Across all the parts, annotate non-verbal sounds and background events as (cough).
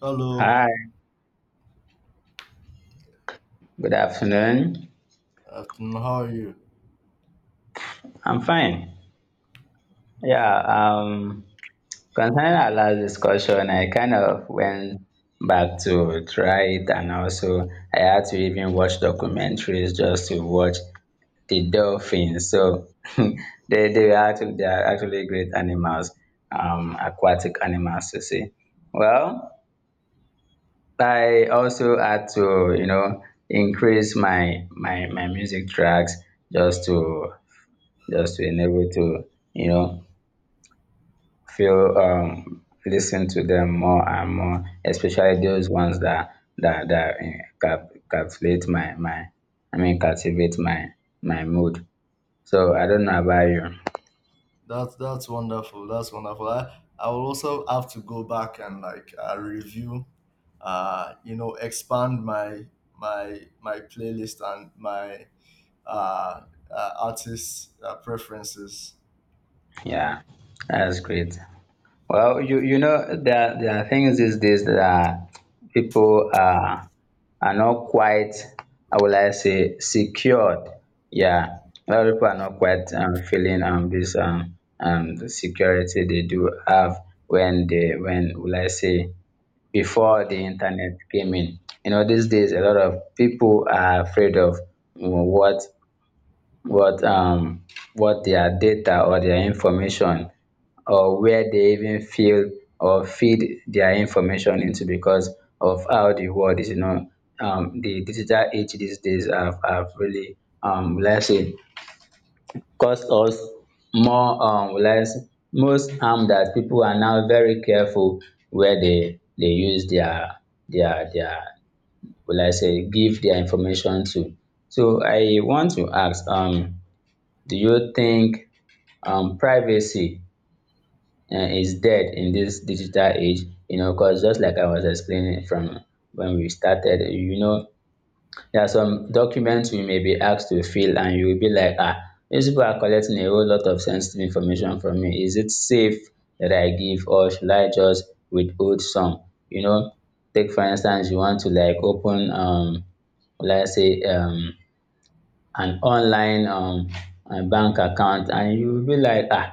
Hello, Hi, good afternoon. afternoon. How are you? I'm fine. Yeah, um, concerning our last discussion, I kind of went back to try it, and also I had to even watch documentaries just to watch the dolphins. So (laughs) they they are actually great animals, aquatic animals to see. Well, I also had to increase my music tracks just to just to enable to you know feel listen to them more and more, especially those ones that captivate my mood. So I don't know about you. That's wonderful. That's wonderful. I will also have to go back and review, expand my my playlist and my uh, artist preferences. Yeah, that's great. Well, there are things these days that people are not quite, how will I say, secured. Yeah, a lot of people are not quite feeling this the security they do have when when will I say, before the internet came in. You know, these days a lot of people are afraid of, what what um what their data or their information, or where they even feel or feed their information into, because of how the world is. The digital age these days have really, let's say, caused us more, less, most harm that people are now very careful where they use their, will I say, give their information to. So I want to ask, do you think privacy is dead in this digital age, because just like I was explaining from when we started, there are some documents we may be asked to fill, and you will be like, ah, these people are collecting a whole lot of sensitive information from me. Is it safe that I give, or should I just withhold some? You know, take for instance, you want to like open, let's say, an online bank account, and you will be like, ah,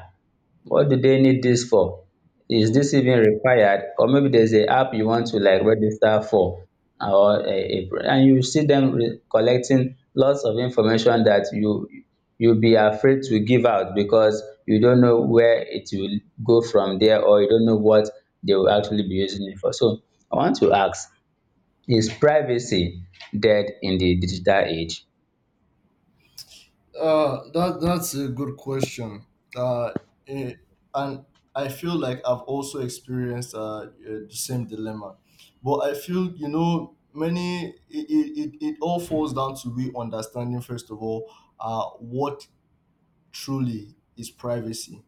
what do they need this for? Is Mm. this even required? Or maybe there's a app you want to like register for, or and you see them collecting lots of information that you'll be afraid to give out, because you don't know where it will go from there, or you don't know what they will actually be using it for. So I want to ask, is privacy dead in the digital age? That that's a good question. Uh, eh, and I feel like I've also experienced the same dilemma, but I feel you know many it all falls down to we understanding first of all what truly is privacy,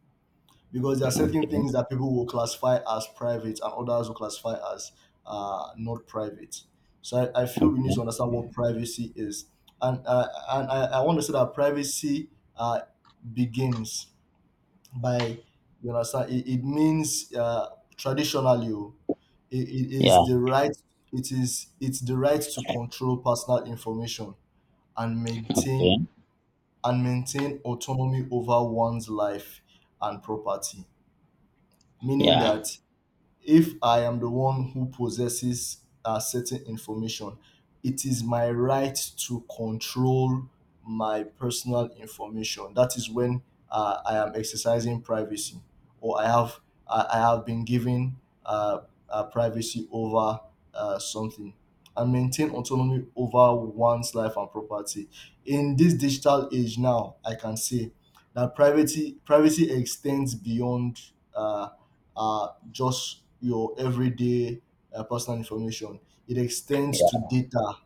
because there are certain things that people will classify as private and others will classify as not private. So I feel we need to understand what privacy is. And I want to say that privacy uh, begins by, you understand, it means traditionally, oh, it Yeah, is the right, it's the right to control personal information and yeah, maintain and maintain autonomy over one's life and property, meaning yeah, that if I am the one who possesses certain information, it is my right to control my personal information. That is when I am exercising privacy, or I have I have been given uh, privacy over something. And maintain autonomy over one's life and property. In this digital age now, I can say that privacy extends beyond just your everyday personal information. It extends to yeah, data,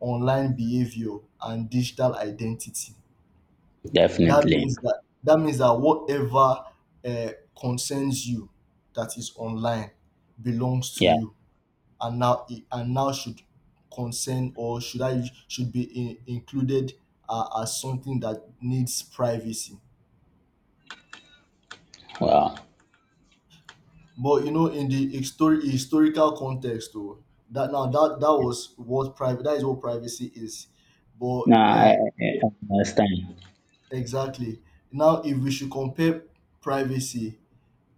online behavior, and digital identity. Definitely. That means that whatever uh, concerns you that is online belongs to Yeah, you, and now and now should concern or should I should be included as something that needs privacy. wow. But you know, in the historical context, though, that was what private that is what privacy is. But No, I, I understand. exactly Now, if we should compare privacy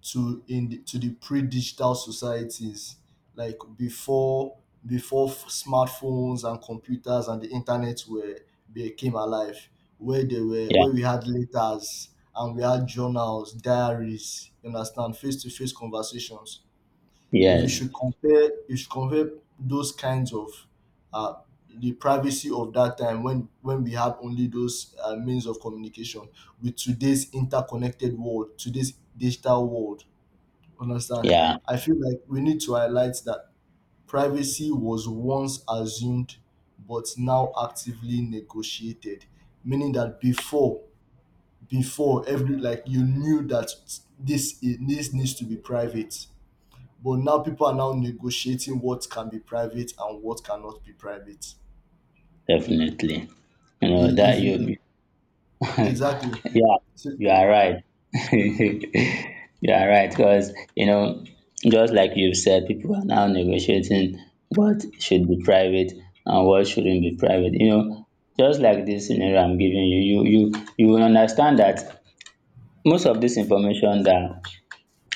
to the pre-digital societies, like before smartphones and computers and the internet were became alive, where they were Yeah, where we had letters and we had journals, diaries, you understand, face to face conversations. If we yes, should compare You should compare those kinds of uh, the privacy of that time when we had only those means of communication with today's interconnected world, today's digital world, understand. yeah, I feel like we need to highlight that privacy was once assumed but now actively negotiated, meaning that before every like you knew that this needs to be private, but now people are now negotiating what can be private and what cannot be private. definitely. You know I- that If you- you, Exactly. yeah, So- you are right. (laughs) You are right because just like you've said, people are now negotiating what should be private and what shouldn't be private. You know, just like this scenario I'm giving you, you will understand that most of this information, that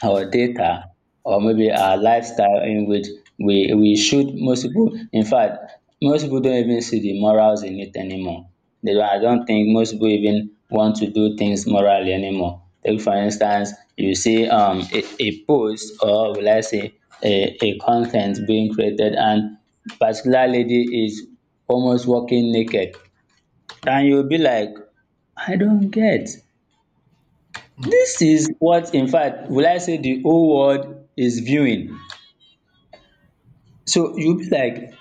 our data or maybe our lifestyle in which we should, most people, in fact, most people don't even see the morals in it anymore. They don't. I don't think most people even want to do things morally anymore. Take for instance, you see a post, or will I say a content being created, and particular lady is almost walking naked, and you'll be like, I don't get. hmm, This is what, in fact, will I say, the whole world is viewing. So you be like,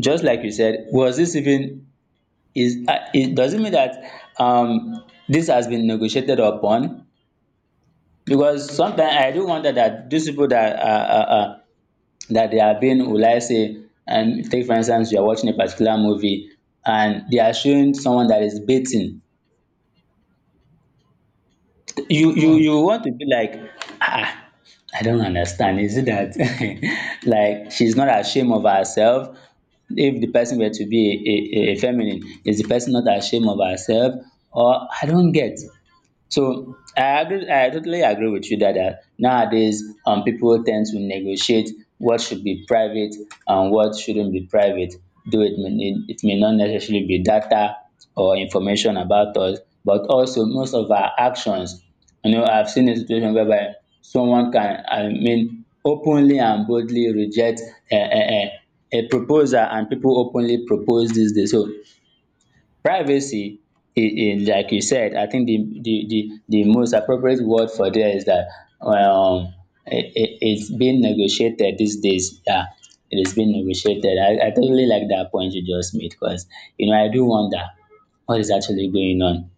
just like you said, was this even is it does it mean that um this has been negotiated upon? Because sometimes I do wonder that these people that are that they are being, will I say. And take for instance, you are watching a particular movie, and they are showing someone that is bathing. you you hmm. you want to be like, ah, I don't understand, is it that (laughs) like she's not ashamed of herself? If the person were to be a feminine, is the person not ashamed of herself? Or I don't get. So I agree. I totally agree with you that nowadays, people tend to negotiate what should be private and what shouldn't be private. Though it may not necessarily be data or information about us, but also most of our actions. You know, I've seen a situation whereby someone can, I mean, openly and boldly reject a, a, a proposal, and people openly propose this. Day. So privacy is, is, like you said, I think, the, most appropriate word for there is that, um, it's being negotiated these days. Yeah, it is being negotiated. I totally like that point you just made, because, I do wonder what is actually going on.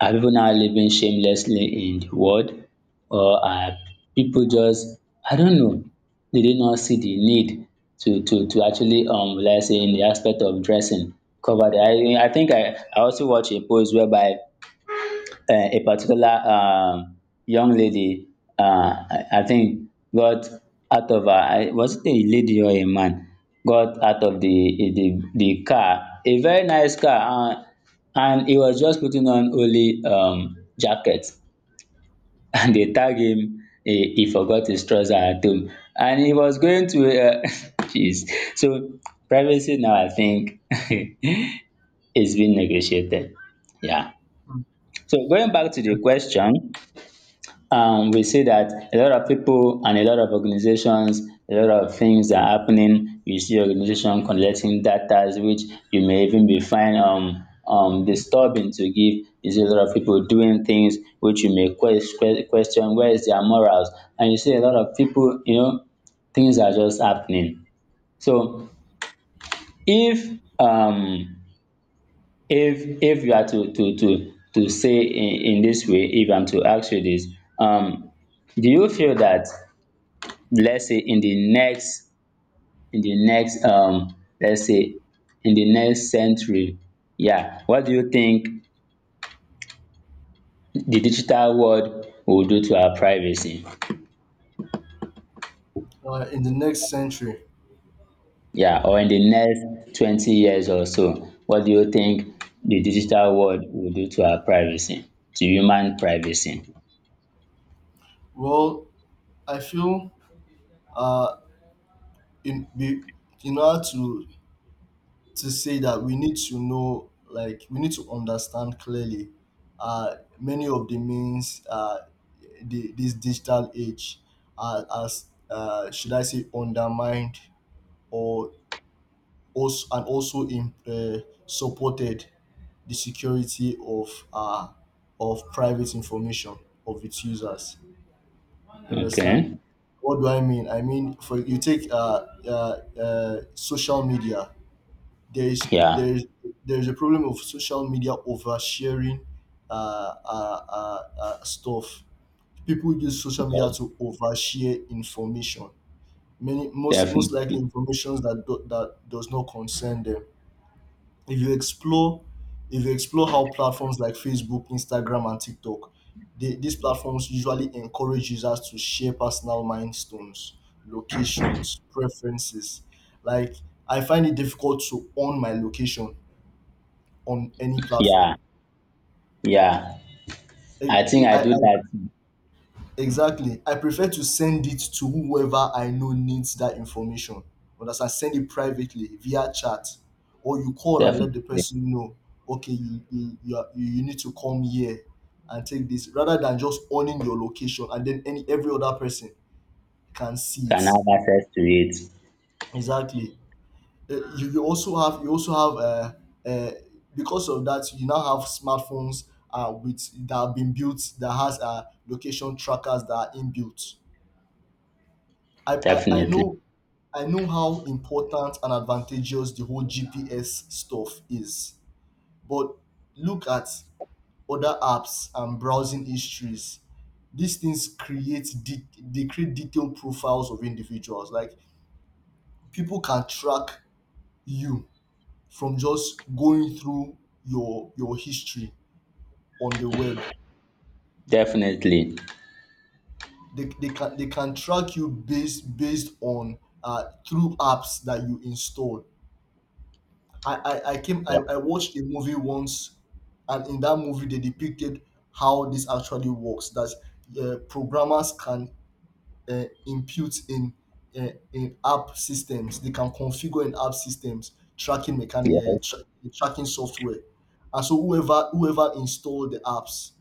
Are people now living shamelessly in the world, or are people just, I don't know, they did not see the need to actually let's say, in the aspect of dressing, cover their... I think I also watch a post whereby a particular young lady, I think, got out of a, was it a lady or a man, got out of the car, a very nice car, and he was just putting on only jacket, (laughs) and they tag him. He forgot his trouser at home, and he was going to. (laughs) Jeez. So privacy now, I think, (laughs) is being negotiated. Yeah. So going back to the question, we see that a lot of people and a lot of organizations, a lot of things are happening. You see organization collecting data, which you may even be find disturbing to give. You see a lot of people doing things which you may question where is their morals. And you see a lot of people, things are just happening. So if um if you are to say in this way, if I'm to ask you this, um, do you feel that, let's say, in the next, in the next um let's say in the next century, yeah, what do you think the digital world will do to our privacy, In the next century, yeah, or in the next 20 years or so, what do you think the digital world will do to our privacy, to human privacy? well, I feel uh, in be, in order to say that we need to know, like we need to understand clearly, many of the means, the, this digital age, are as should I say undermined or also and also im supported the security of private information of its users. You understand? Okay. What do I mean? I mean, for you take social media. There is Yeah, there is a problem of social media oversharing uh, uh, uh, stuff. People use social media yeah, to overshare information. Many most most likely definitely. information that does not concern them. If you explore how platforms like Facebook, Instagram, and TikTok, these platforms usually encourage users to share personal milestones, locations, preferences. Like, I find it difficult to own my location on any platform. Yeah, yeah, I, I think I do I that. Exactly. I prefer to send it to whoever I know needs that information. Understand? Send it privately via chat, or you call and let the Definitely. person know. Okay, you you need to come here and take this, rather than just owning your location and then any every other person can see Can it. have access to it. Exactly. You, you also have uh, because of that you now have smartphones with that have been built that has location trackers that are inbuilt. I Definitely. know how important and advantageous the whole GPS stuff is, but look at other apps and browsing histories. These things they create detailed profiles of individuals. Like people can track you from just going through your history on the web. Definitely. They can track you based on through apps that you install. I came Yeah. I watched a movie once, and in that movie they depicted how this actually works, that programmers can impute in app systems tracking Yes. Tracking software, and so whoever installed the apps,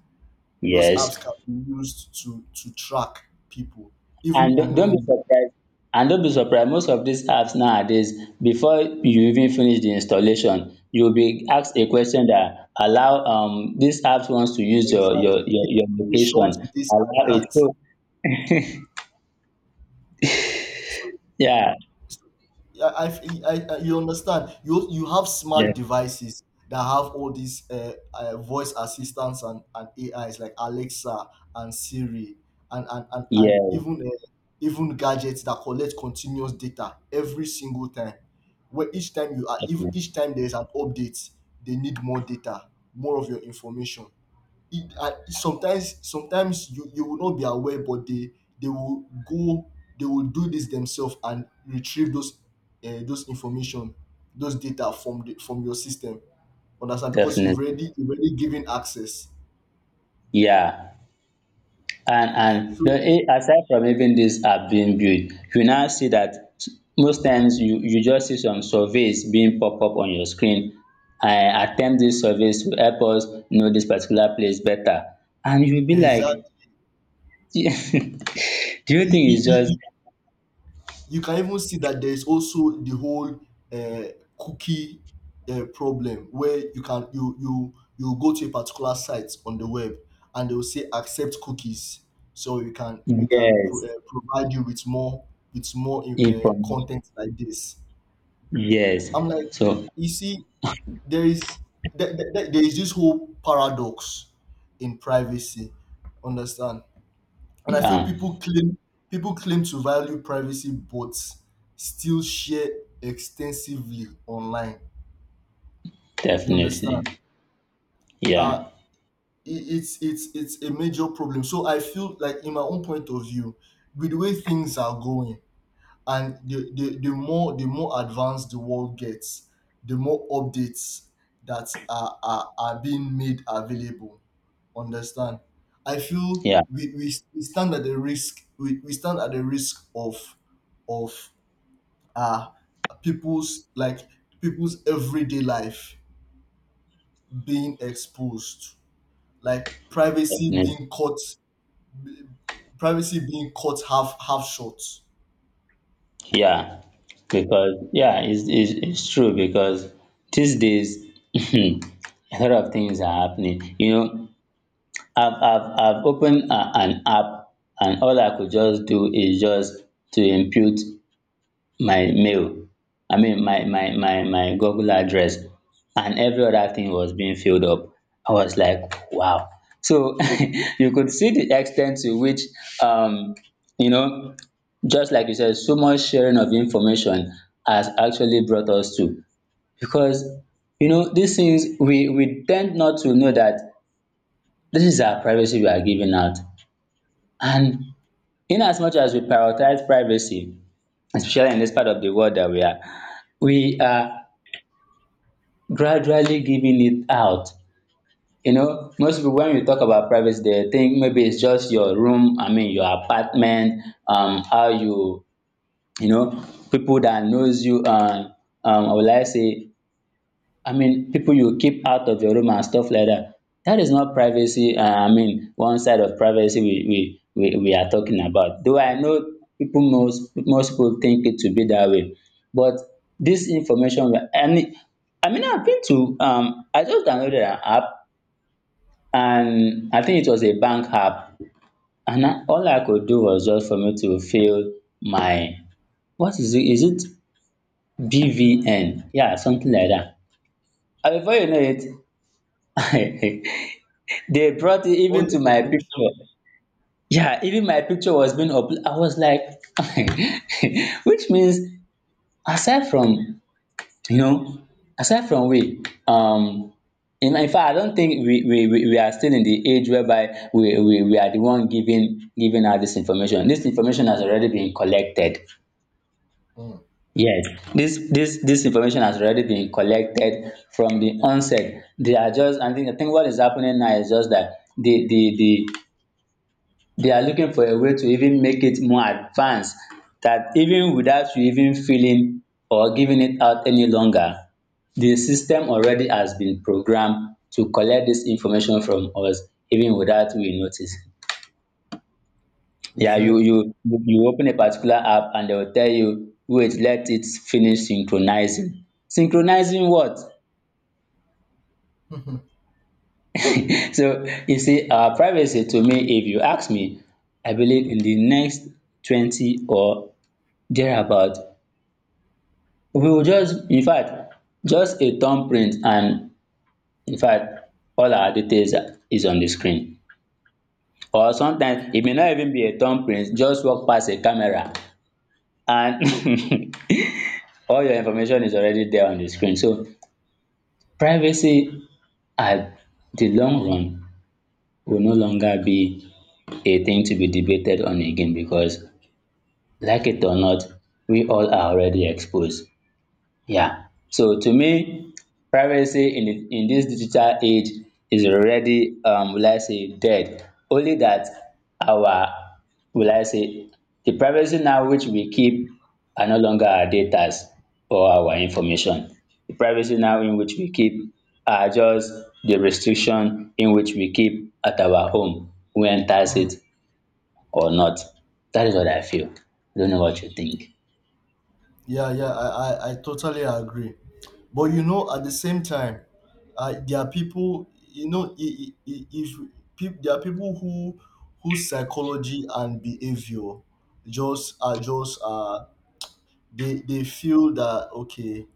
those Yes. apps can be used to track people even And don't be unknowingly. surprised. And don't be surprised. Most of these apps nowadays, before you even finish the installation, you'll be asked a question that allow this app wants to use Exactly, give your permission location. to this and Allow it. that. So So yeah. yeah, you understand. You have smart Yes. devices that have all these voice assistants, and AIs like Alexa and Siri and Yes. even even gadgets that collect continuous data every single time. Where each time you are, each Definitely. time there is an update, they need more data, more of your information. It Sometimes you you will not be aware, but they will go they will do this themselves and retrieve those information, those data from the from your system, understand, because you've Definitely. already given access. Yeah. And the, So aside from even these app being built, you now see that most times you just see some surveys being pop up on your screen. I attempt this surveys to help us know this particular place better. And you'll be like, (laughs) exactly, do you think it's just... you can even see that there is also the whole uh, cookie problem, where you can you go to a particular site on the web, and they will say accept cookies so you can Yes, provide you with more inform. content like this. Yes. I'm like, So you see, there is there is this whole paradox in privacy, understand. And I feel yeah, people claim to value privacy but still share extensively online. You definitely. understand? Yeah, Uh it's it's a major problem. So I feel like in my own point of view, with the way things are going, and the more advanced the world gets, the more updates that are being made available, understand. I feel yeah, we stand at the risk, we stand at the risk of of uh people's like people's everyday life being exposed, like privacy being cut, privacy being cut half short. yeah, because yeah, it's true, because these days (laughs) a lot of things are happening. You know, I've opened an app, and all I could just do is just to input my mail. I mean, my Google address, and every other thing was being filled up. I was like, wow. So (laughs) you could see the extent to which, um you know just like you said, so much sharing of information has actually brought us to, because these things we tend not to know that this is our privacy we are giving out. And in as much as we prioritize privacy, especially in this part of the world that we are gradually giving it out. You know, most people, when we talk about privacy, they think maybe it's just your room, I mean your apartment, how you, you know, people that knows you, and I would like say, I mean, people you keep out of your room and stuff like that. That is not privacy. I mean, one side of privacy we are talking about. Though I know people, most people think it to be that way, but this information... and I mean, I've been to, I just downloaded an app, and I think it was a bank app, and all I could do was just for me to fill my, what is it? Is it BVN? Yeah, something like that. And before you know it, (laughs) they brought it All even your to my information. picture. Yeah, even my picture was being up. I was like, (laughs) which means, aside from, you know, aside from we, in fact, I don't think we are still in the age whereby we are the one giving out this information. This information has already been collected. Mm, Yes, this information has already been collected from the onset. They are just I think what is happening now is just that they are looking for a way to even make it more advanced, that even without you even feeling or giving it out any longer, the system already has been programmed to collect this information from us even without we notice. Yeah, you exactly. you you you open a particular app and they will tell you, wait, let it finish synchronizing. Synchronizing what? (laughs) (laughs) So you see, privacy to me, if you ask me, I believe in the next 20 or thereabout, we will just, in fact, just a thumbprint, and in fact, all our details is on the screen. Or sometimes it may not even be a thumbprint, just walk past a camera and (laughs) all your information is already there on the screen. So privacy at the long run will no longer be a thing to be debated on again because, like it or not, we all are already exposed. Yeah. So to me, privacy in this digital age is already will I say dead. Only that our, will I say, the privacy now which we keep are no longer our datas or our information. The privacy now in which we keep are just the restriction in which we keep at our home, who enters Hmm. it or not. That is what I feel. I don't know what you think. Yeah, yeah, I totally agree. But you know, at the same time, there are people, you know, I- if peop there are people who whose psychology and behavior just are just they feel that okay,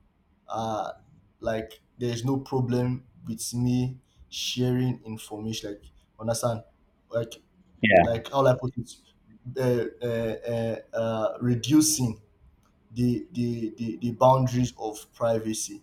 uh, like there's no problem with me sharing information. Like, understand? Like, Yeah. like how will I put it, reducing the boundaries of privacy.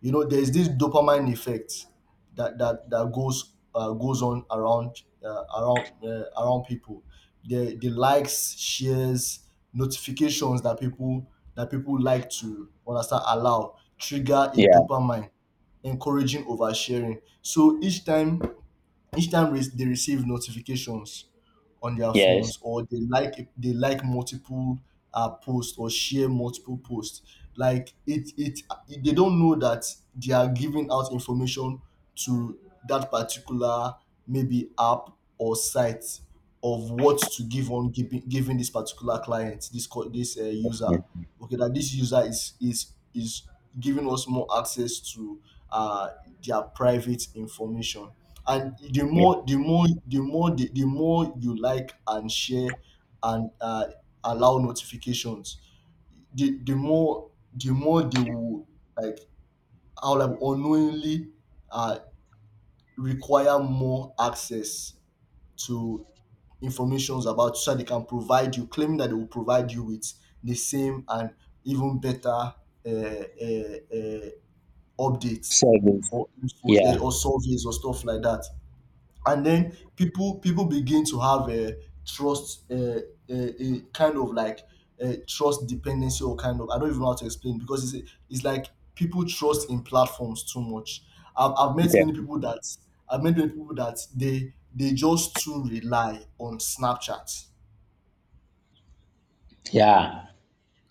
You know, there's this dopamine effect that goes on around around people. The likes, shares, notifications that people like to understand allow trigger a Yeah. dopamine, encouraging oversharing. So each time they receive notifications on their Yes. phones, or they like multiple posts or share multiple posts, like it they don't know that they are giving out information to that particular maybe app or site of what to give on giving this particular client this co- this user. Yeah. Okay, that this user is giving us more access to uh, their private information. And the more you like and share and allow notifications, the the more they will, like, how, like, unknowingly uh, require more access to informations about, so that they can provide you, claiming that they will provide you with the same and even better uh, uh, updates Service. or infos, yeah, Yeah. or surveys or stuff like that. And then people begin to have a trust, a kind of like a trust dependency or kind of, I don't even know how to explain, because it's like people trust in platforms too much. I've met Okay. many people that they just too rely on Snapchat, Yeah.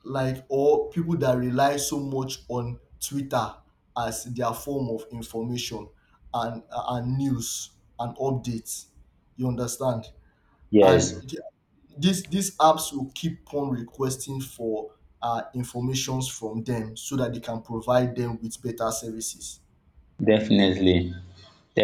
like, or people that rely so much on Twitter as their form of information and news and updates, you understand. and Yes. th- these apps will keep on requesting for informations from them so that they can provide them with better services. Definitely.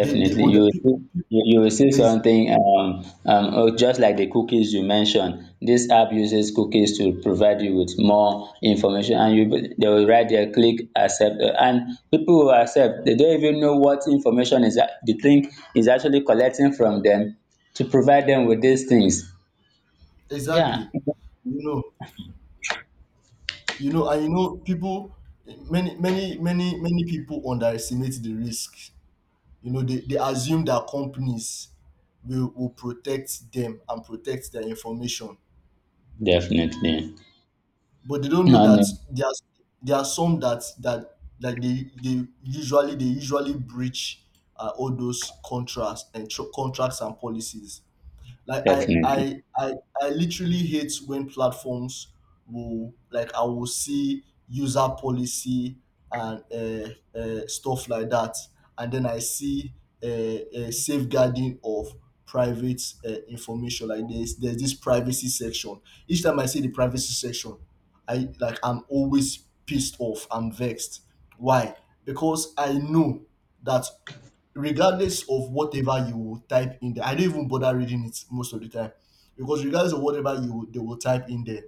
They You under will pe- see, pe- you will see ex- something oh, just like the cookies you mentioned. This app uses cookies to provide you with more information, and they will right there click accept, and people will accept. They don't even know what information is that the thing is actually collecting from them to provide them with these things. Yeah. Exactly. You know, you know and you know people, many people underestimate the risk. You know, they assume that companies will protect them and protect their information, Definitely. but they don't know No, no. that there are some that they usually breach all those contracts and contracts and policies. Like I Definitely. I I I literally hate when platforms will, like, I will see user policy and stuff like that, and then I see a safeguarding of private information. Like there's this privacy section. Each time I see the privacy section, I'm always pissed off. I'm vexed. Why? Because I know that regardless of whatever you type in there, I don't even bother reading it most of the time because regardless of whatever you they will type in there,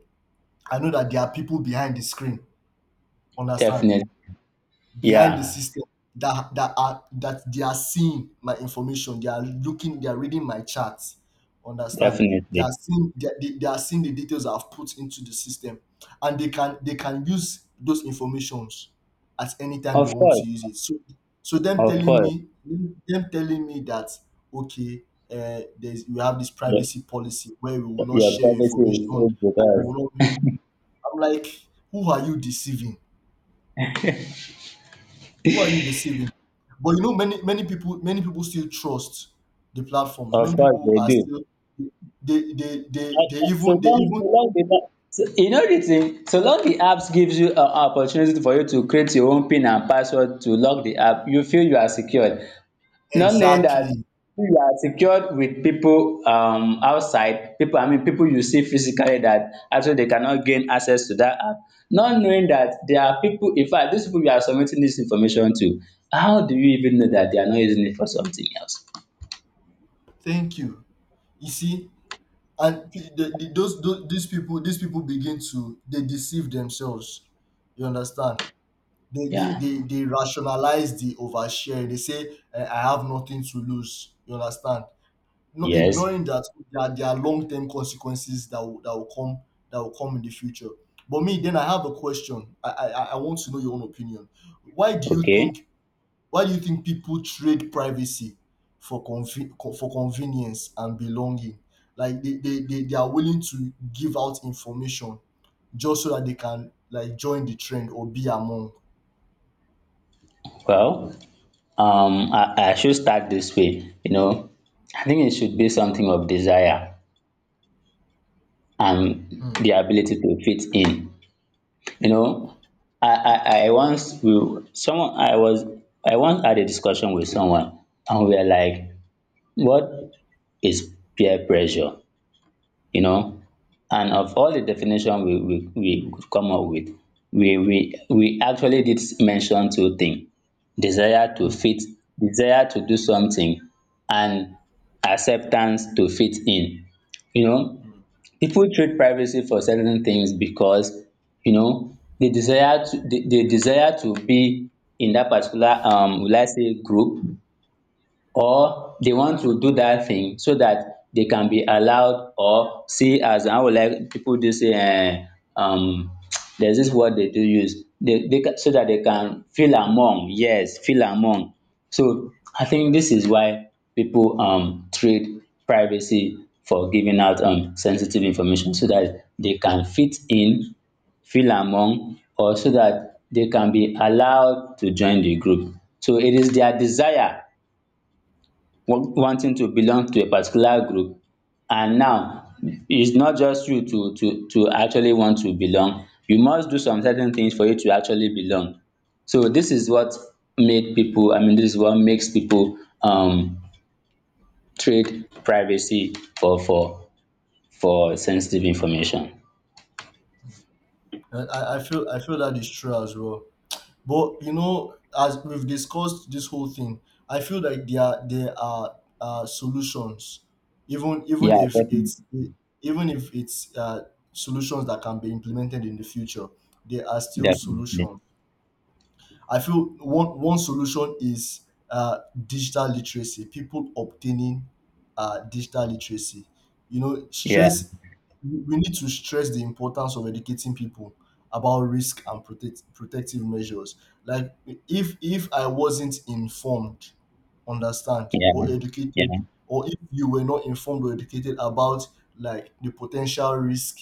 I know that there are people behind the screen. Understand? Definitely. Behind the Yeah, system that that are that they are seeing my information. They are looking, they are reading my charts. Understand? They definitely. are seeing, they are seeing the details I've put into the system, and they can use those informations at any time they Of want to course, use it. So so them of telling course, me them telling me that, okay, there's, we have this your, privacy policy where we will not your share your privacy is information. safe with I us. will not, I'm like, who are you deceiving? Who are you deceiving? But you know, many people still trust the platforms. Of Many course, people they are do. still, so they long, so even, long so, you know the thing. So long the apps gives you an opportunity for you to create your own PIN and password to lock the app, you feel you are secure. Not knowing that exactly. you are secured with people outside, people, I mean, people you see physically, that actually they cannot gain access to that app. Not knowing that there are people, in fact these people you are submitting this information to, how do you even know that they are not using it for something else? Thank you. You see, and p- the, those these people begin to, they deceive themselves. You understand? Yeah. They rationalize the overshare. They say, "Eh, I have nothing to lose. You understand? Not Yes. ignoring that there are long-term consequences that will, that will come in the future. But me, then I have a question. I want to know your own opinion. Why do you Okay. think, people trade privacy for for convenience and belonging? Like they are willing to give out information just so that they can, like, join the trend or be among. Well, I should start this way, I think it should be something of desire and Hmm. the ability to fit in. You know, I once will someone I was I once had a discussion with someone, and we were like, what is peer pressure? You know? And of all the definition we could come up with, we actually did mention two things. Desire to Hmm. fit, desire to do something, and acceptance to fit in. You know, Hmm. people trade privacy for certain things because they desire to, they desire to be in that particular will I say group, or they want to do that thing so that they can be allowed, or see, as I would like people do say, um (tsk) there's this word they do use, so that they can feel among, yes, feel among. So I think this is why people trade privacy for giving out sensitive information so that they can fit in, feel among, or so that they can be allowed to join the group. So it is their desire, wanting to belong to a particular group. And now it's not just you to actually want to belong, you must do some certain things for you to actually belong. So this is what made people, I mean, this is what makes people trade privacy for for sensitive information. I feel that is true as well. But you know, as we've discussed this whole thing, I feel like there are solutions, even Yeah, if definitely. it's, even if it's uh, solutions that can be implemented in the future, there are still Definitely. solutions. I feel one solution is uh, digital literacy. People obtaining digital literacy. You know, Yeah, stress. We need to stress the importance of educating people about risk and protective measures. Like, if I wasn't informed, understand, yeah, or yeah, educated, or if you were not informed or educated about like the potential risk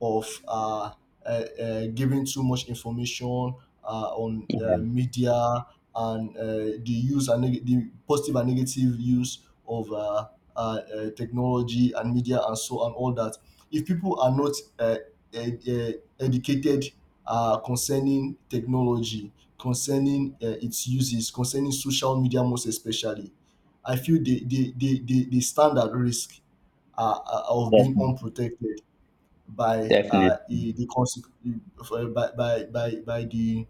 of giving too much information on yeah. Media and the positive and negative use of technology and media and so and all that. If people are not uh, educated concerning technology, concerning its uses, concerning social media most especially, I feel they stand at risk of being Definitely. unprotected by Definitely. The by, by the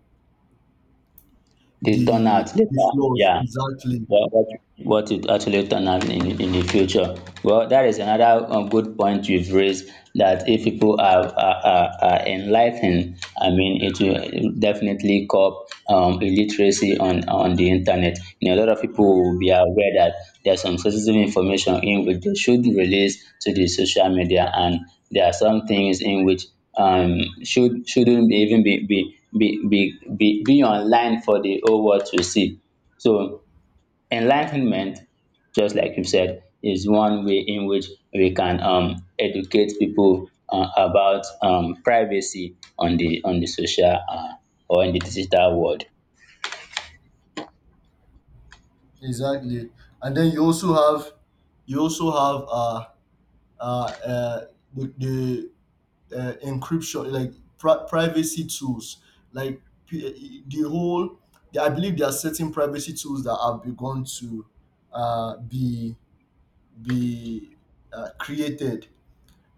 They turn out the later, flaws, yeah. exactly. What, what it actually turn out in the future. Well, that is another good point you've raised, that if people are enlightened, I mean, it will definitely curb illiteracy on the internet. You know, a lot of people will be aware that there's some sensitive information in which they should release to the social media, and there are some things in which shouldn't be even be online for the whole world to see. So enlightenment, just like you said, is one way in which we can educate people about privacy on the social, or in the digital world. Exactly. And then you also have, you also have uh uh, uh the, the encryption, like privacy tools, like the whole, I believe there are certain privacy tools that have begun to uh be be created,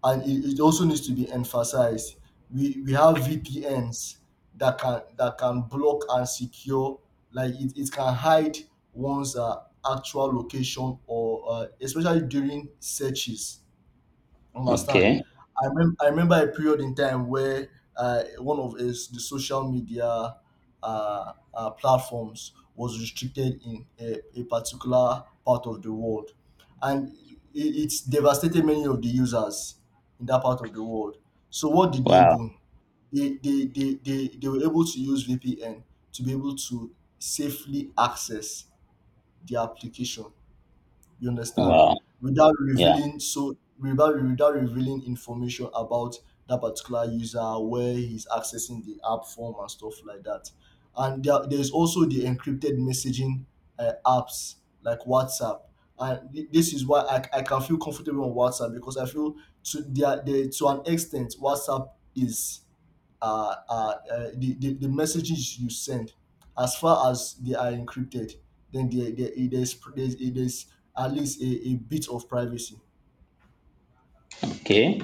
and it also needs to be emphasized. We have VPNs that can, block and secure, like it can hide one's actual location, or especially during searches. Understand? Okay. I remember a period in time where one of his the social media platforms was restricted in a particular part of the world, and it's devastated many of the users in that part of the world. So what did they Wow. do? They were able to use VPN to be able to safely access the application, you understand? Wow. Without Yeah. revealing, so without revealing information about that particular user, where he's accessing the app from and stuff like that. And there's also the encrypted messaging apps, like WhatsApp. And this is why I can feel comfortable on WhatsApp because I feel to, to an extent WhatsApp is, uh, uh, the, the messages you send, as far as they are encrypted, then there's at least a bit of privacy. Okay.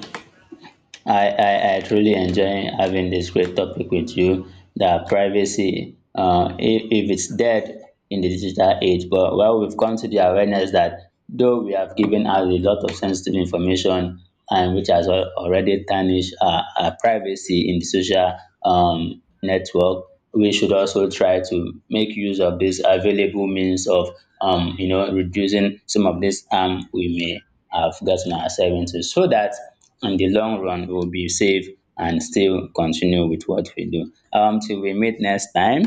I truly enjoy having this great topic with you. The privacy, if it's dead in the digital age, but well, we've come to the awareness that though we have given out a lot of sensitive information, and which has already tarnished our privacy in the social, network, we should also try to make use of these available means of, reducing some of this harm we may have gotten ourselves into, so that in the long run we will be safe and still continue with what we do. Till we meet next time,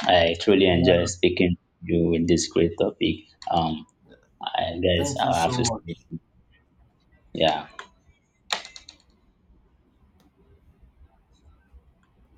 I truly Yeah, enjoy speaking to you with this great topic. Um, I guess thank you I'll have so to sleep. much. Yeah.